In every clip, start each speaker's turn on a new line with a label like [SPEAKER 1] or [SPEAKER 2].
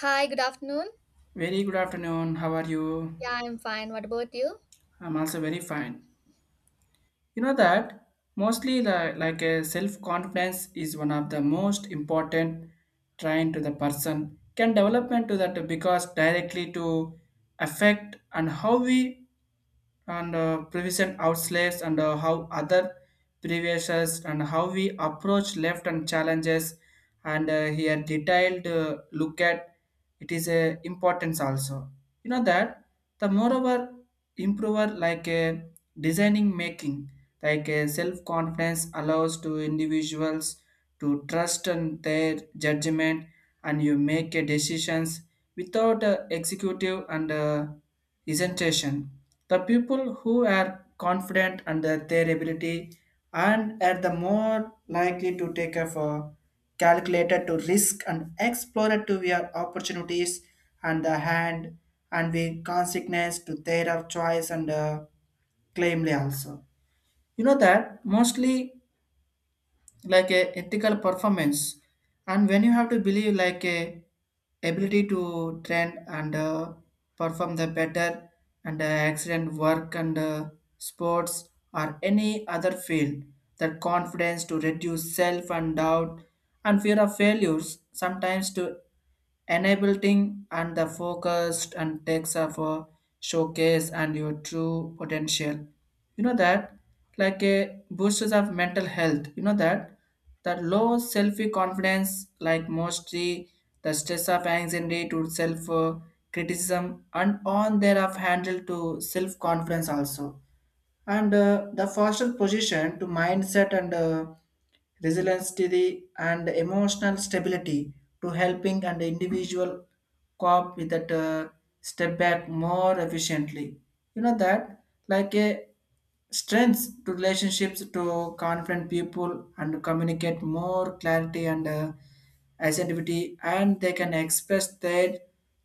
[SPEAKER 1] Hi, good afternoon.
[SPEAKER 2] Very good afternoon. How are you?
[SPEAKER 1] Yeah, I'm fine. What about you?
[SPEAKER 2] I'm also very fine. You know that mostly the, like a self confidence is one of the most important trying to the person can development to that because directly to affect and how we and prevent outslaves and how other previous and how we approach left and challenges and here detailed look at it is a importance also. You know that the moreover improver like a designing making, like a self confidence allows to individuals to trust in their judgment and you make a decisions without a executive and presentation. The people who are confident under their ability and are the more likely to take up a calculated to risk and explorer to their opportunities and the hand and the consequence to their of choice and claimly also. You know that mostly like a ethical performance, and when you have to believe like a ability to train and perform the better and accident work and sports or any other field, that confidence to reduce self and doubt and fear of failures sometimes to enabling and the focused and takes of a showcase and your true potential. You know that like a boosters of mental health, you know that that low self confidence like mostly the stress of anxiety to self criticism and on thereof handle to self confidence also, and the foster position to mindset and resilience to the and emotional stability to helping and individual cope with that step back more efficiently. You know that like a strengths to relationships to confront people and communicate more clarity and assertivity, and they can express their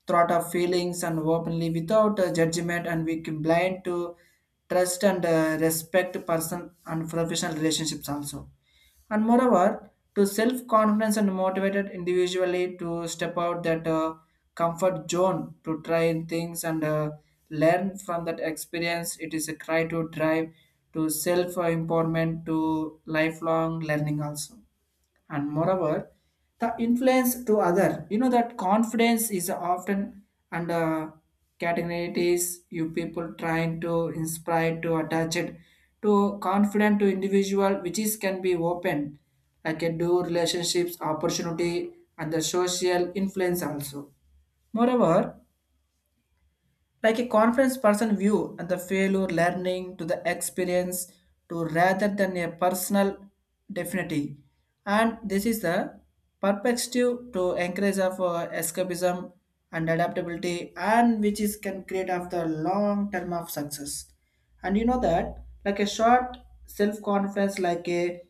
[SPEAKER 2] thought of feelings and openly without judgment, and we can blind to trust and respect person and professional relationships also. And moreover to self-confidence and motivated individually to step out that comfort zone to try things and learn from that experience, it is a cry to drive to self-empowerment to lifelong learning also. And moreover, the influence to other, you know that confidence is often under categories you people trying to inspire to attach it to confident to individual which is can be open like a do relationships opportunity and the social influence also. Moreover, like a conference person view and the failure learning to the experience to rather than a personal definity, and this is the perspective to encourage of escapism and adaptability and which is can create of the long term of success. And you know that like a short self confidence like a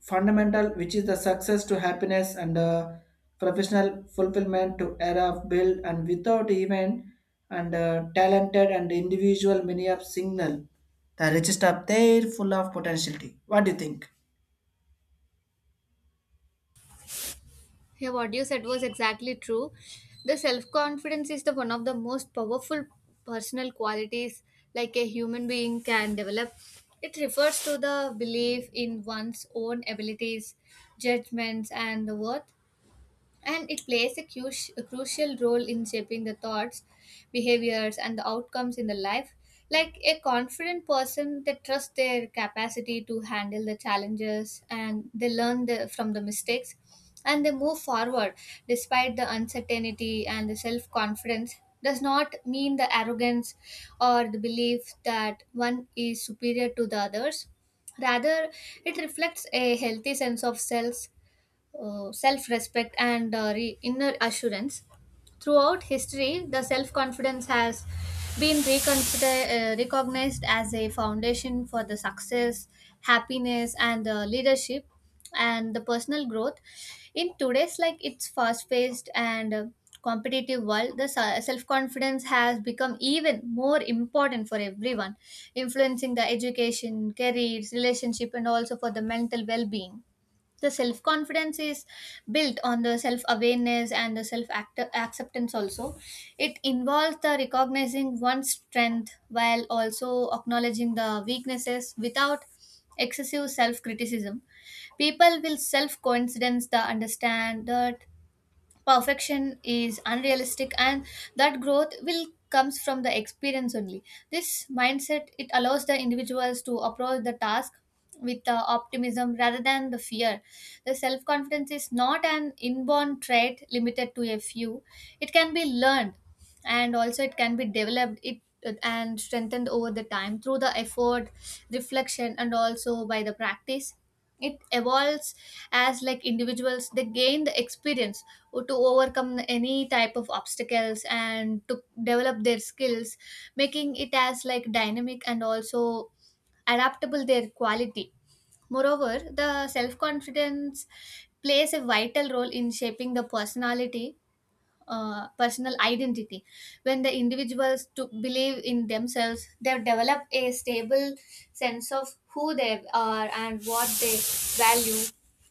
[SPEAKER 2] fundamental which is the success to happiness and professional fulfillment to era of build and without even and talented and individual many of signal the richest of there full of potentiality. What do you think?
[SPEAKER 1] Yeah, what you said was exactly true. The self confidence is the one of the most powerful personal qualities like a human being can develop. It refers to the belief in one's own abilities, judgments, and the worth. And it plays a crucial role in shaping the thoughts, behaviors, and the outcomes in the life. Like a confident person, they trust their capacity to handle the challenges and they learn from the mistakes and they move forward despite the uncertainty. And the self confidence does not mean the arrogance or the belief that one is superior to the others. Rather, it reflects a healthy sense of self, self respect, and inner assurance. Throughout history, the self confidence has been recognized as a foundation for the success, happiness, and leadership and the personal growth. In today's like its fast paced and competitive world, the self confidence has become even more important for everyone, influencing the education, careers, relationship, and also for the mental well being. The self confidence is built on the self awareness and the self acceptance. Also, it involves the recognizing one's strength while also acknowledging the weaknesses without excessive self criticism. People will self coincidence the understand that perfection is unrealistic and that growth will comes from the experience only. This mindset, it allows the individuals to approach the task with the optimism rather than the fear. The self confidence is not an inborn trait limited to a few. It can be learned and also it can be developed it and strengthened over the time through the effort, reflection, and also by the practice. It evolves as like individuals they gain the experience to overcome any type of obstacles and to develop their skills, making it as like dynamic and also adaptable their quality. Moreover, the self confidence plays a vital role in shaping the personality, personal identity. When the individuals to believe in themselves, they develop a stable sense of who they are and what they value.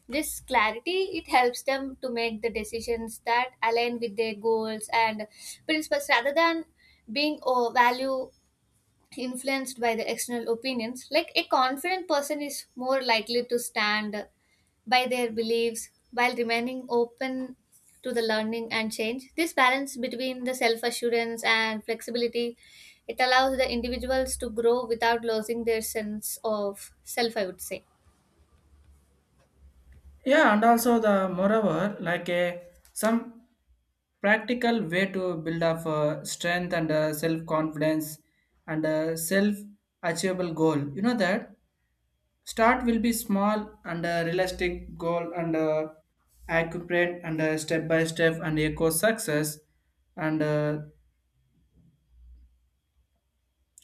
[SPEAKER 1] This clarity, it helps them to make the decisions that align with their goals and principles rather than being oh, value influenced by the external opinions. Like a confident person is more likely to stand by their beliefs while remaining open to the learning and change. This balance between the self assurance and flexibility, it allows the individuals to grow without losing their sense of self, I would say.
[SPEAKER 2] Yeah, and also the moreover, like a some practical way to build up strength and self confidence and self achievable goal. You know that start will be small and a realistic goal and accurate and step by step and echo success and uh,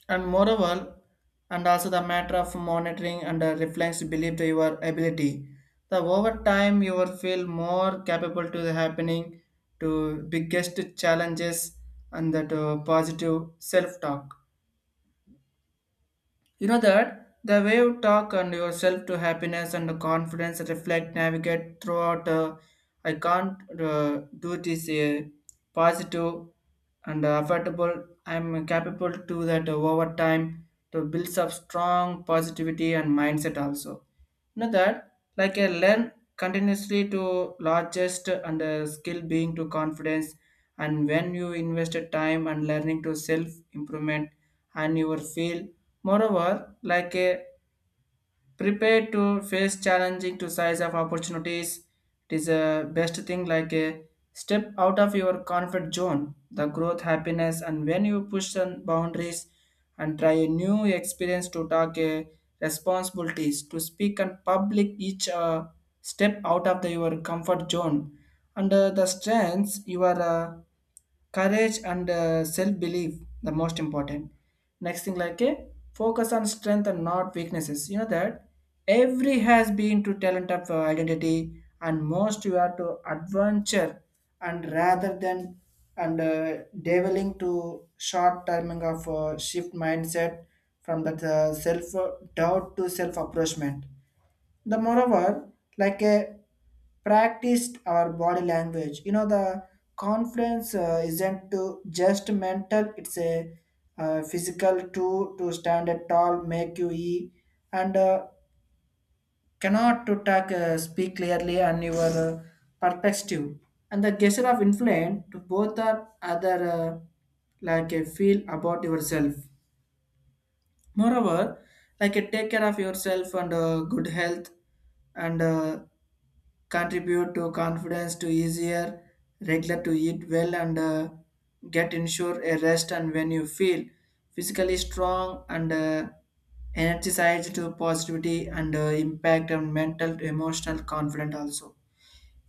[SPEAKER 2] and moreover and also the matter of monitoring and reflects belief to your ability. The over time you will feel more capable to the happening to biggest challenges and that positive self talk. You know that the way you talk and yourself to happiness and confidence reflect, navigate throughout. I can't do this positive and affordable. I'm capable to that over time to build up strong positivity and mindset also. You know that like a learn continuously to largest and skill being to confidence, and when you invested time and learning to self improvement and your feel moreover like a prepare to face challenging to size of opportunities. It is a best thing like a step out of your comfort zone, the growth, happiness, and when you push on boundaries and try a new experience to talk a responsibilities to speak and public each step out of the, your comfort zone and the strengths you are courage and self-belief the most important. Next thing like a focus on strength and not weaknesses. You know that every has been to talent of identity and most you are to adventure and rather than and deviling to short timing of shift mindset from that self doubt to self approachment. The moreover, like a practiced our body language, you know the confidence isn't to just mental, it's a physical too to stand at tall make you e and cannot to talk speak clearly and your perspective and the gesture of influence to both are other like a feel about yourself. Moreover, like take care of yourself and good health and contribute to confidence to easier, regular to eat well and get ensure a rest, and when you feel physically strong and energized to positivity and impact and mental to emotional confident also.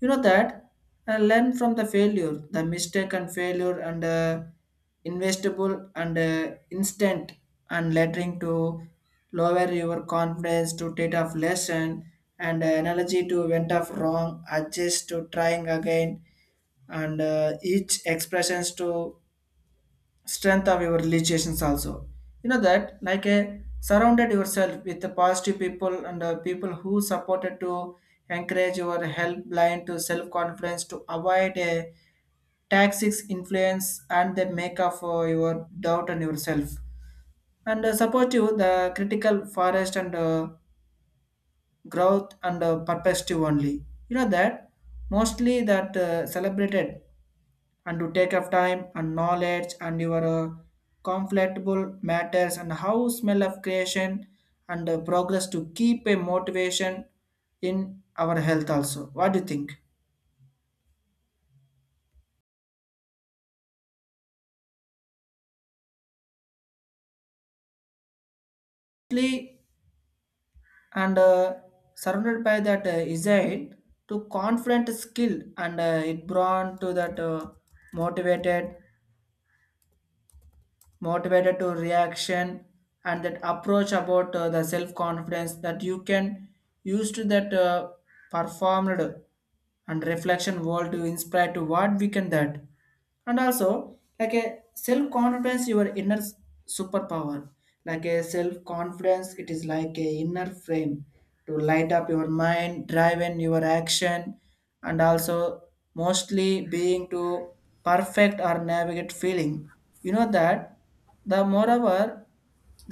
[SPEAKER 2] You know that learn from the failure the mistake and failure and investable and instant and lettering to lower your confidence to take off lesson and analogy to went off wrong adjust to trying again and each expressions to strength of your realizations also. You know that like a surrounded yourself with the positive people and people who supported to encourage your help blind to self confidence to avoid a toxic influence and the make up for your doubt and yourself and support you the critical forest and growth and perspective only. You know that mostly that celebrated and to take of time and knowledge and your conflictable matters and how smell of creation and progress to keep a motivation in our health also. What do you think? Lastly, and surrounded by that insight to confident skill and it brought to that motivated motivated to reaction and that approach about the self confidence that you can use to that performed and reflection world to inspire to what we can that. And also like a self confidence your inner s- superpower, like a self confidence it is like a inner frame to light up your mind drive in your action, and also mostly being to perfect or navigate feeling. You know that the moreover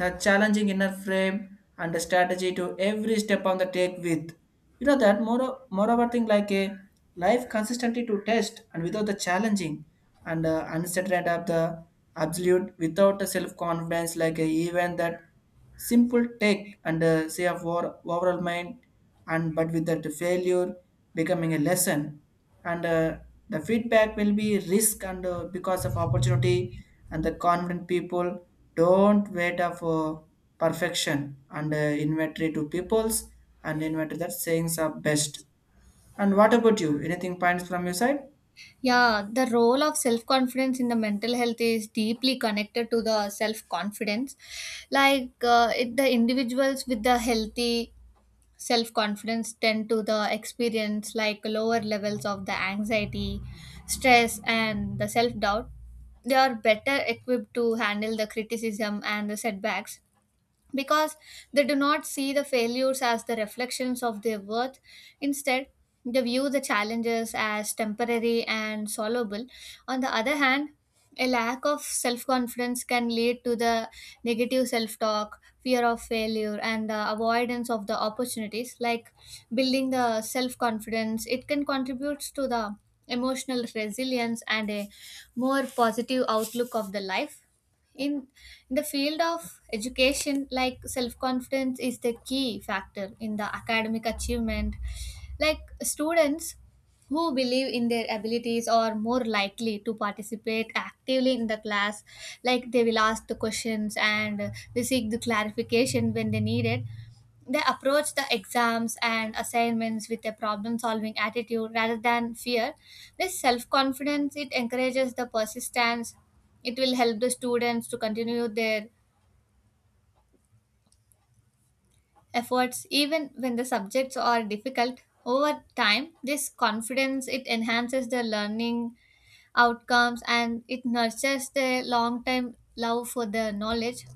[SPEAKER 2] the challenging inner frame and the strategy to every step on the take with. You know that more moreover thing like a life consistently to test and without the challenging and uncertain of the absolute without the self confidence, like a even that simple take and say of our overall mind, and but with that failure becoming a lesson and the feedback will be risk and because of opportunity and the confident people don't wait up for perfection and inventory to peoples and inventory that sayings are best. And what about you, anything points from your side?
[SPEAKER 1] Yeah, the role of self confidence in the mental health is deeply connected to the self confidence. The individuals with the healthy self confidence tend to the experience like lower levels of the anxiety, stress, and the self doubt. They are better equipped to handle the criticism and the setbacks because they do not see the failures as the reflections of their worth. Instead, they view the challenges as temporary and solvable. On the other hand, a lack of self confidence can lead to the negative self talk, fear of failure, and the avoidance of the opportunities. Like, building the self confidence, it can contribute to the emotional resilience and a more positive outlook of the life. In in the field of education, like self confidence is the key factor in the academic achievement. Like students who believe in their abilities are more likely to participate actively in the class. Like they will ask the questions and they seek the clarification when they need it. They approach the exams and assignments with a problem solving attitude rather than fear. This self confidence, it encourages the persistence. It will help the students to continue their efforts even when the subjects are difficult. Over time, this confidence it enhances the learning outcomes and it nurtures the long term love for the knowledge.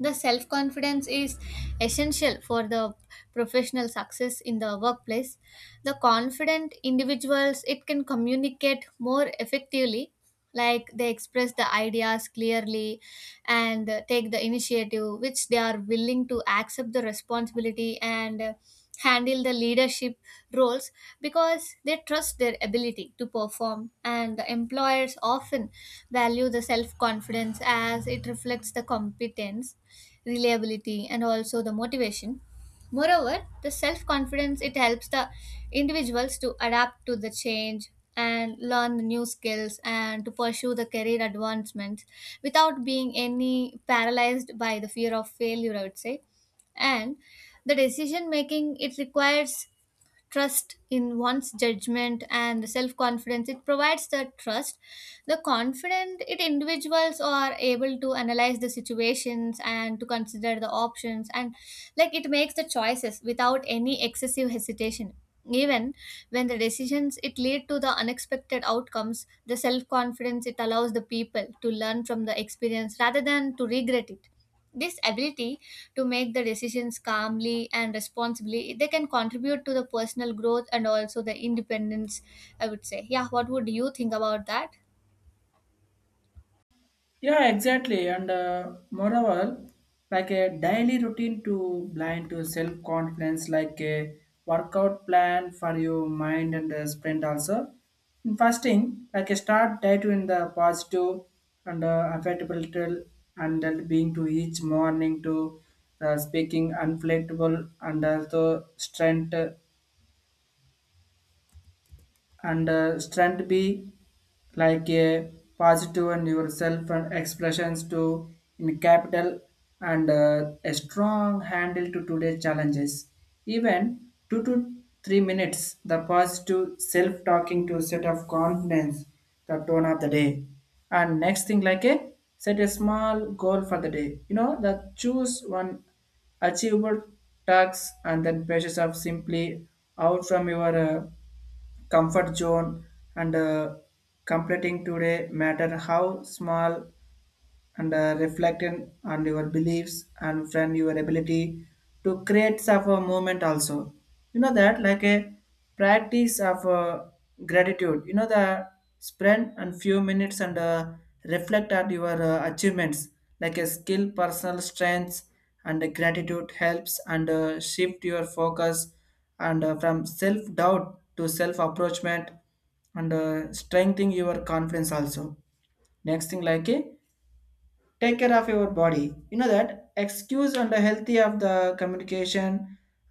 [SPEAKER 1] The self confidence is essential for the professional success in the workplace. The confident individuals, it can communicate more effectively. Like they express the ideas clearly and take the initiative, which they are willing to accept the responsibility and handle the leadership roles because they trust their ability to perform. And the employers often value the self confidence as it reflects the competence, reliability, and also the motivation. Moreover, the self confidence it helps the individuals to adapt to the change and learn the new skills and to pursue the career advancements without being any paralyzed by the fear of failure, I would say. And the decision making, it requires trust in one's judgment, and self confidence it provides the trust. The confident it individuals are able to analyze the situations and to consider the options, and like it makes the choices without any excessive hesitation. Even when the decisions it lead to the unexpected outcomes, the self confidence it allows the people to learn from the experience rather than to regret it. This ability to make the decisions calmly and responsibly, they can contribute to the personal growth and also the independence, I would say. Yeah, what would you think about that?
[SPEAKER 2] Yeah, exactly. And moreover, like a daily routine to blind to self confidence, like a workout plan for your mind and sprint also. In fasting, like a start day to in the positive and affectable till and then being to each morning to speaking unflattable and also strength and strength be like a positive and yourself and expressions to in capital and a strong handle to today's challenges, even 2 to 3 minutes the positive self-talking to set of confidence the tone of the day. And next thing like a set a small goal for the day. You know that choose one achievable tasks and then pressures of simply out from your comfort zone and completing today matter how small and reflect on your beliefs and friend your ability to create of a movement also. You know that like a practice of gratitude, you know the spend and few minutes and reflect on your achievements like a skill personal strengths and gratitude helps and shift your focus and from self doubt to self approachment and strengthening your confidence also. Next thing like a take care of your body. You know that excuse and the healthy of the communication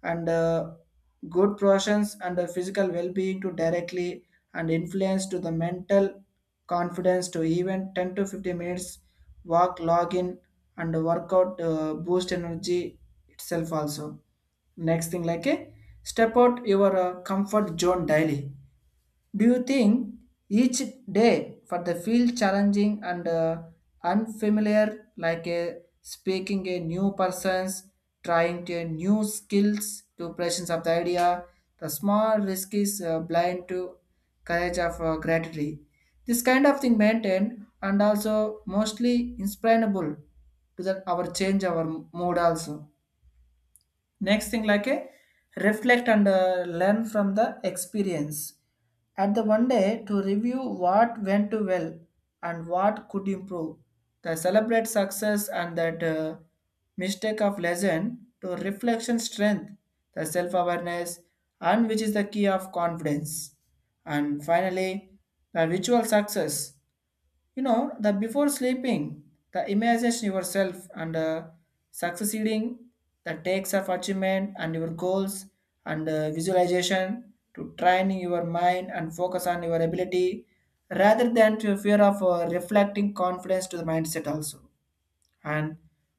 [SPEAKER 2] and good portions and the physical well-being to directly and influence to the mental confidence to even 10 to 15 minutes walk login and workout boost energy itself also. Next thing like a step out your comfort zone daily, do you think each day for the field challenging and unfamiliar, like a speaking a new persons, trying to new skills to presence of the idea, the small risk is blind to courage of gratitude. This kind of thing maintained and also mostly inspirable to that our change our mood also. Next thing, like a reflect and learn from the experience at the one day to review what went too well and what could improve, the celebrate success and that mistake of lesson to reflection strength the self-awareness, and which is the key of confidence. And finally the ritual success, you know the before sleeping, the imagine yourself and succeeding, the takes of achievement and your goals, and visualization to training your mind and focus on your ability rather than to fear of reflecting confidence to the mindset also. and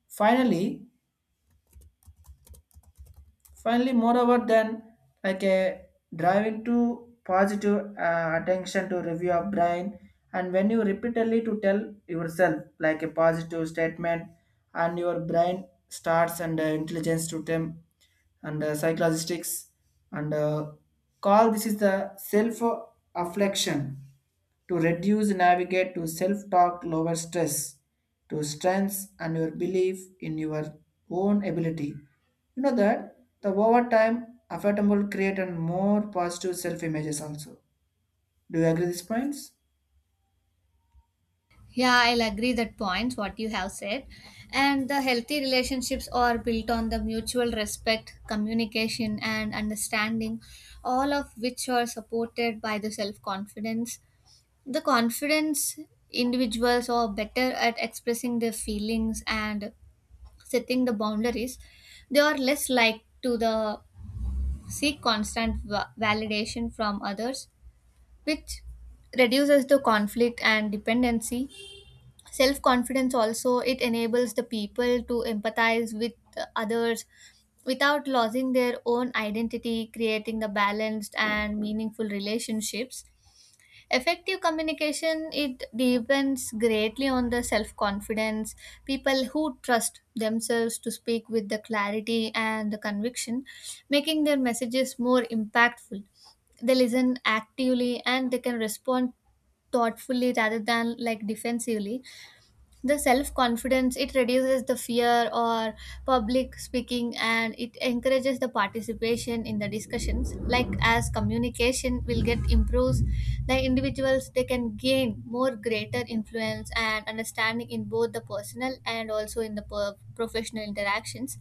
[SPEAKER 2] finally Finally, moreover than like a driving to positive attention to review of brain, and when you repeatedly to tell yourself like a positive statement, and your brain starts and intelligence to them and psychologistics and call this is the self afflection to reduce navigate to self-talk lower stress to strengths and your belief in your own ability. You know that the overtime affordable create and more positive self images also. Do you agree these points?
[SPEAKER 1] Yeah, I'll agree that points what you have said. And the healthy relationships are built on the mutual respect, communication, and understanding, all of which are supported by the self confidence. The confidence individuals are better at expressing their feelings and setting the boundaries. They are less likely to the seek constant validation from others, which reduces the conflict and dependency. Self confidence also, it enables the people to empathize with others without losing their own identity, creating the balanced and meaningful relationships. Effective communication it depends greatly on the self-confidence. People who trust themselves to speak with the clarity and the conviction, making their messages more impactful. They listen actively and they can respond thoughtfully rather than like defensively. The self confidence it reduces the fear or public speaking and it encourages the participation in the discussions. Like as communication will get improves, the individuals they can gain more greater influence and understanding in both the personal and also in the professional interactions.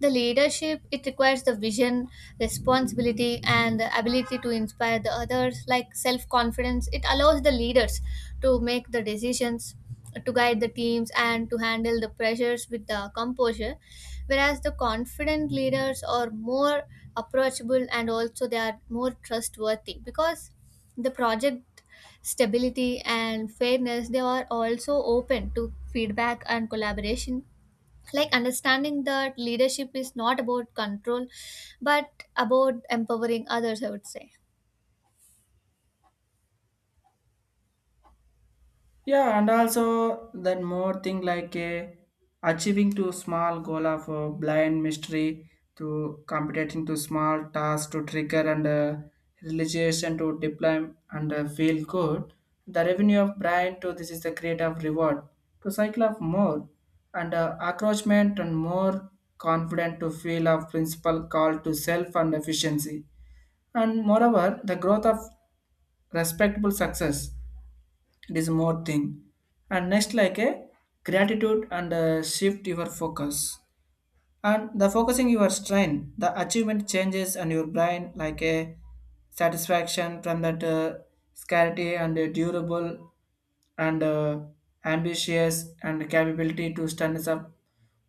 [SPEAKER 1] The leadership, it requires the vision, responsibility, and the ability to inspire the others, like self confidence. It allows the leaders to make the decisions, to guide the teams, and to handle the pressures with the composure. Whereas the confident leaders are more approachable and also they are more trustworthy because the project stability and fairness, they are also open to feedback and collaboration, like understanding that leadership is not about control but about empowering others, I would say.
[SPEAKER 2] Yeah, and also then more thing like a achieving to small goal of a blind mystery to competing to small tasks to trigger and realization to deploy and feel good. The revenue of brain to this is the creative reward to cycle of more and accroachment and more confident to feel of principal call to self and efficiency, and moreover the growth of respectable success. It is more thing. And next like a gratitude and shift your focus and the focusing your strain, the achievement changes and your brain like a satisfaction from that scarcity and durable and ambitious and capability to stand up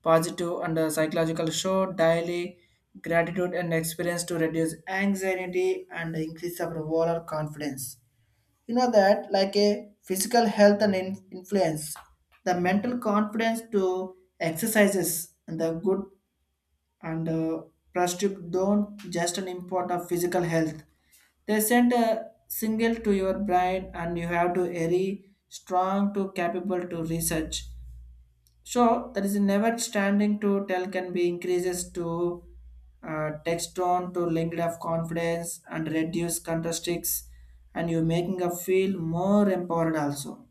[SPEAKER 2] positive and psychological show daily gratitude and experience to reduce anxiety and increase our overall confidence. You know that like a physical health and influence the mental confidence to exercises and the good and prestige don't just an import of physical health. They send a signal to your brain and you have to very strong to capable to research. So there is never standing to tell can be increases to text tone to linked of confidence and reduce contrasticks and you making a feel more empowered also.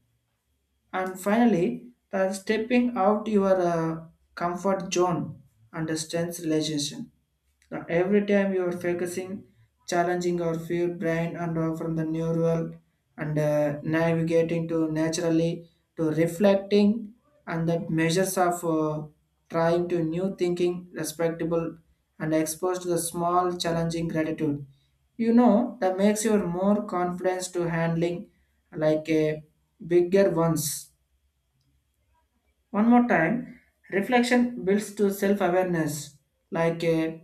[SPEAKER 2] And finally, the stepping out your comfort zone and strength realization. Now, every time you are focusing, challenging your fear, brain, and from the neural and navigating to naturally to reflecting and that measures of trying to new thinking, respectable, and exposed to the small challenging gratitude. You know that makes you more confidence to handling like a bigger ones. One more time, reflection builds to self awareness, like a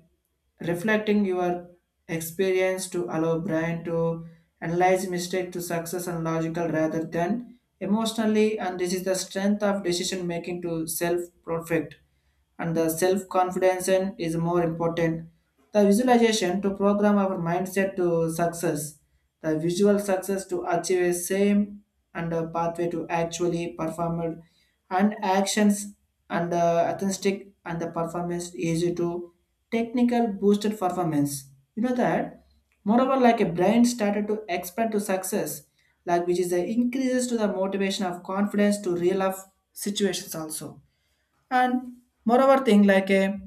[SPEAKER 2] reflecting your experience to allow brain to analyze mistake to success and logical rather than emotionally, and this is the strength of decision making to self perfect and the self confidence is more important. The visualization to program our mindset to success, the visual success to achieve a same and a pathway to actually perform and actions and authentic and the performance easy to technical boosted performance. You know that moreover like a brain started to expand to success like which is the increases to the motivation of confidence to real life situations also. And moreover thing like a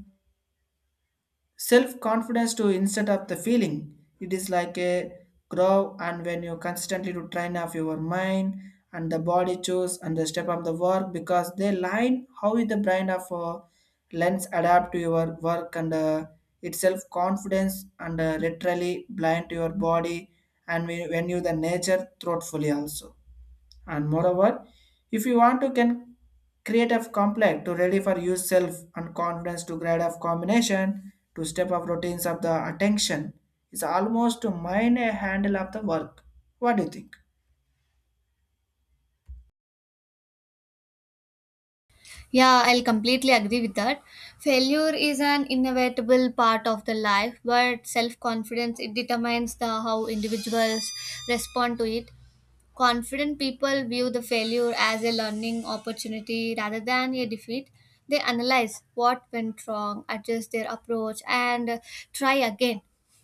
[SPEAKER 2] self-confidence to instead of the feeling it is like a grow, and when you consistently to train off your mind and the body choose and the step up the work because they line how is the brain of lens adapt to your work and its self-confidence and literally blind to your body, and when you the nature thoughtfully also. And moreover, if you want to can create a complex to ready for yourself and confidence to grade of combination to step of routines of the attention is almost to mind a handle of the work. What do you think?
[SPEAKER 1] Yeah, I'll completely agree with that. Failure is an inevitable part of the life, but self-confidence it determines the how individuals respond to it. Confident people view the failure as a learning opportunity rather than a defeat. They analyze what went wrong, adjust their approach, and try again.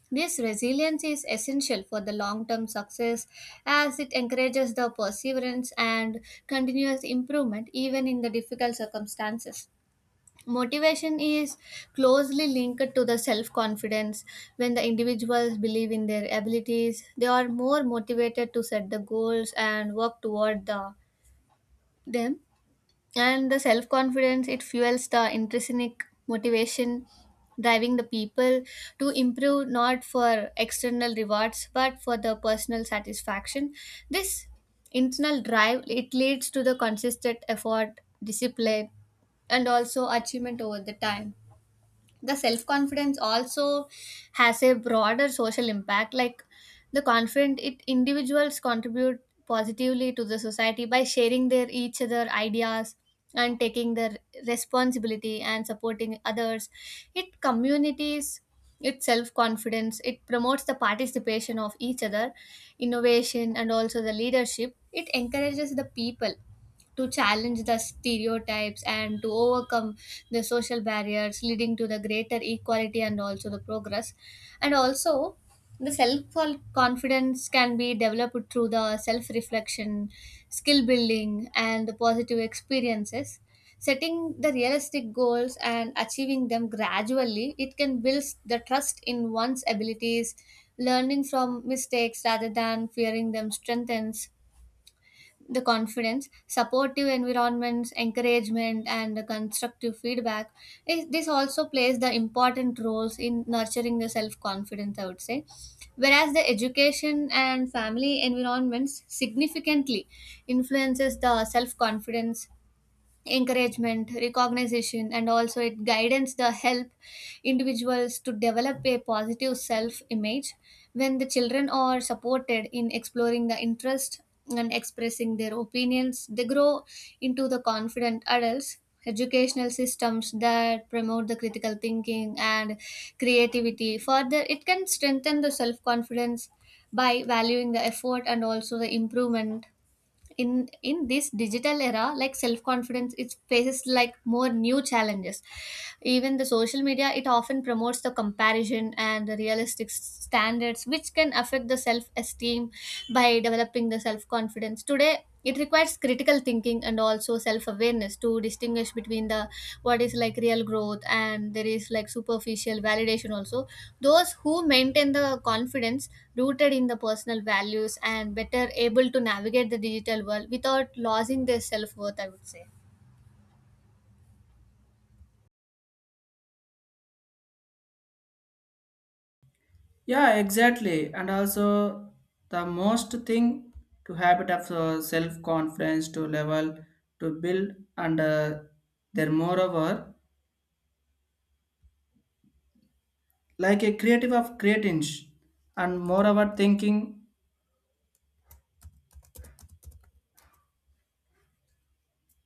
[SPEAKER 1] This resilience is essential for the long term success as it encourages the perseverance and continuous improvement even in the difficult circumstances. Motivation is closely linked to the self confidence. When the individuals believe in their abilities, they are more motivated to set the goals and work them. And the self confidence it fuels the intrinsic motivation, driving the people to improve not for external rewards but for the personal satisfaction. This internal drive it leads to the consistent effort, discipline, and also achievement over the time. The self confidence also has a broader social impact. Like the confident it individuals contribute positively to the society by sharing their each other ideas and taking their responsibility and supporting others. It communities its self confidence it promotes the participation of each other, innovation, and also the leadership. It encourages the people to challenge the stereotypes and to overcome the social barriers, leading to the greater equality and also the progress. And also the self confidence can be developed through the self reflection, skill building, and the positive experiences. Setting the realistic goals and achieving them gradually, it can build the trust in one's abilities. Learning from mistakes rather than fearing them strengthens the confidence, supportive environments, encouragement, and the constructive feedback. This also plays the important roles in nurturing the self confidence, I would say. Whereas the education and family environments significantly influences the self confidence, encouragement, recognition, and also it guidance the help individuals to develop a positive self image. When the children are supported in exploring the interest and expressing their opinions, they grow into the confident adults. Educational systems that promote the critical thinking and creativity further it can strengthen the self confidence by valuing the effort and also the improvement. In this digital era, like self confidence it faces like more new challenges. Even the social media, it often promotes the comparison and the realistic standards, which can affect the self esteem. By developing the self confidence today, it requires critical thinking and also self awareness to distinguish between the what is like real growth and there is like superficial validation also. Those who maintain the confidence rooted in the personal values and better able to navigate the digital world without losing their self worth, I would say.
[SPEAKER 2] Yeah, exactly. And also the most thing to habit of self-confidence to level to build and there moreover like a creative of creating and moreover thinking,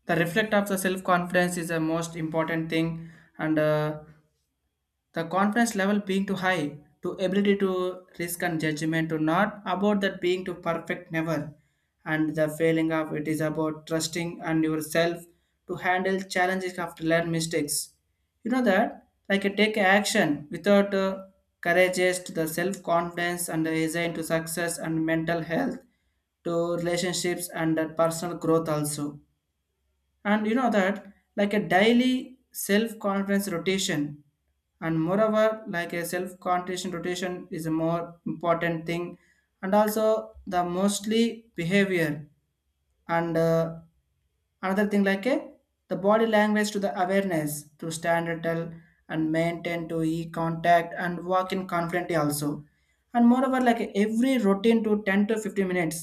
[SPEAKER 2] the reflect of the self confidence is the most important thing and the confidence level being too high to ability to risk and judgment to not about that being too perfect never, and the failing of it is about trusting and yourself to handle challenges after learn mistakes. You know that like a take action without courageous to the self confidence and design to success and mental health to relationships and personal growth also. And you know that like a daily self-confidence rotation, and moreover like a self-confidence rotation is a more important thing and also the mostly behavior and another thing like a the body language to the awareness to stand tall and maintain to e contact and walk in confidently also. And moreover, like every routine to 10 to 15 minutes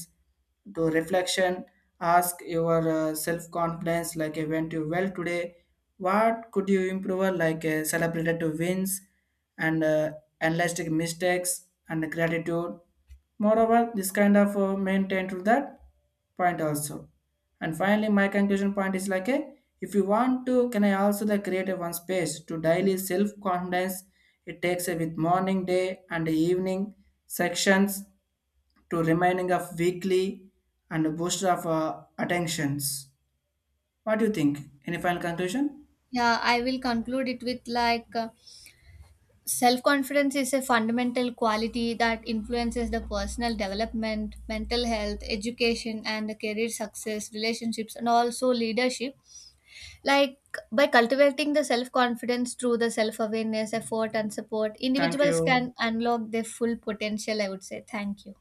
[SPEAKER 2] to reflection, ask your self confidence like I went you well today, what could you improve, like celebrated to wins and analyzed mistakes and gratitude. Moreover this kind of maintain to that point also. And finally my conclusion point is like a if you want to can I also the create a one space to daily self confidence. It takes a with morning day and evening sections to reminding of weekly and a booster of attentions. What do you think? Any final conclusion?
[SPEAKER 1] Yeah, I will conclude it with self confidence is a fundamental quality that influences the personal development, mental health, education, and the career success, relationships, and also leadership. Like by cultivating the self confidence through the self awareness, effort, and support,
[SPEAKER 2] Thank
[SPEAKER 1] individuals
[SPEAKER 2] you.
[SPEAKER 1] can unlock their full potential. I would say. Thank you.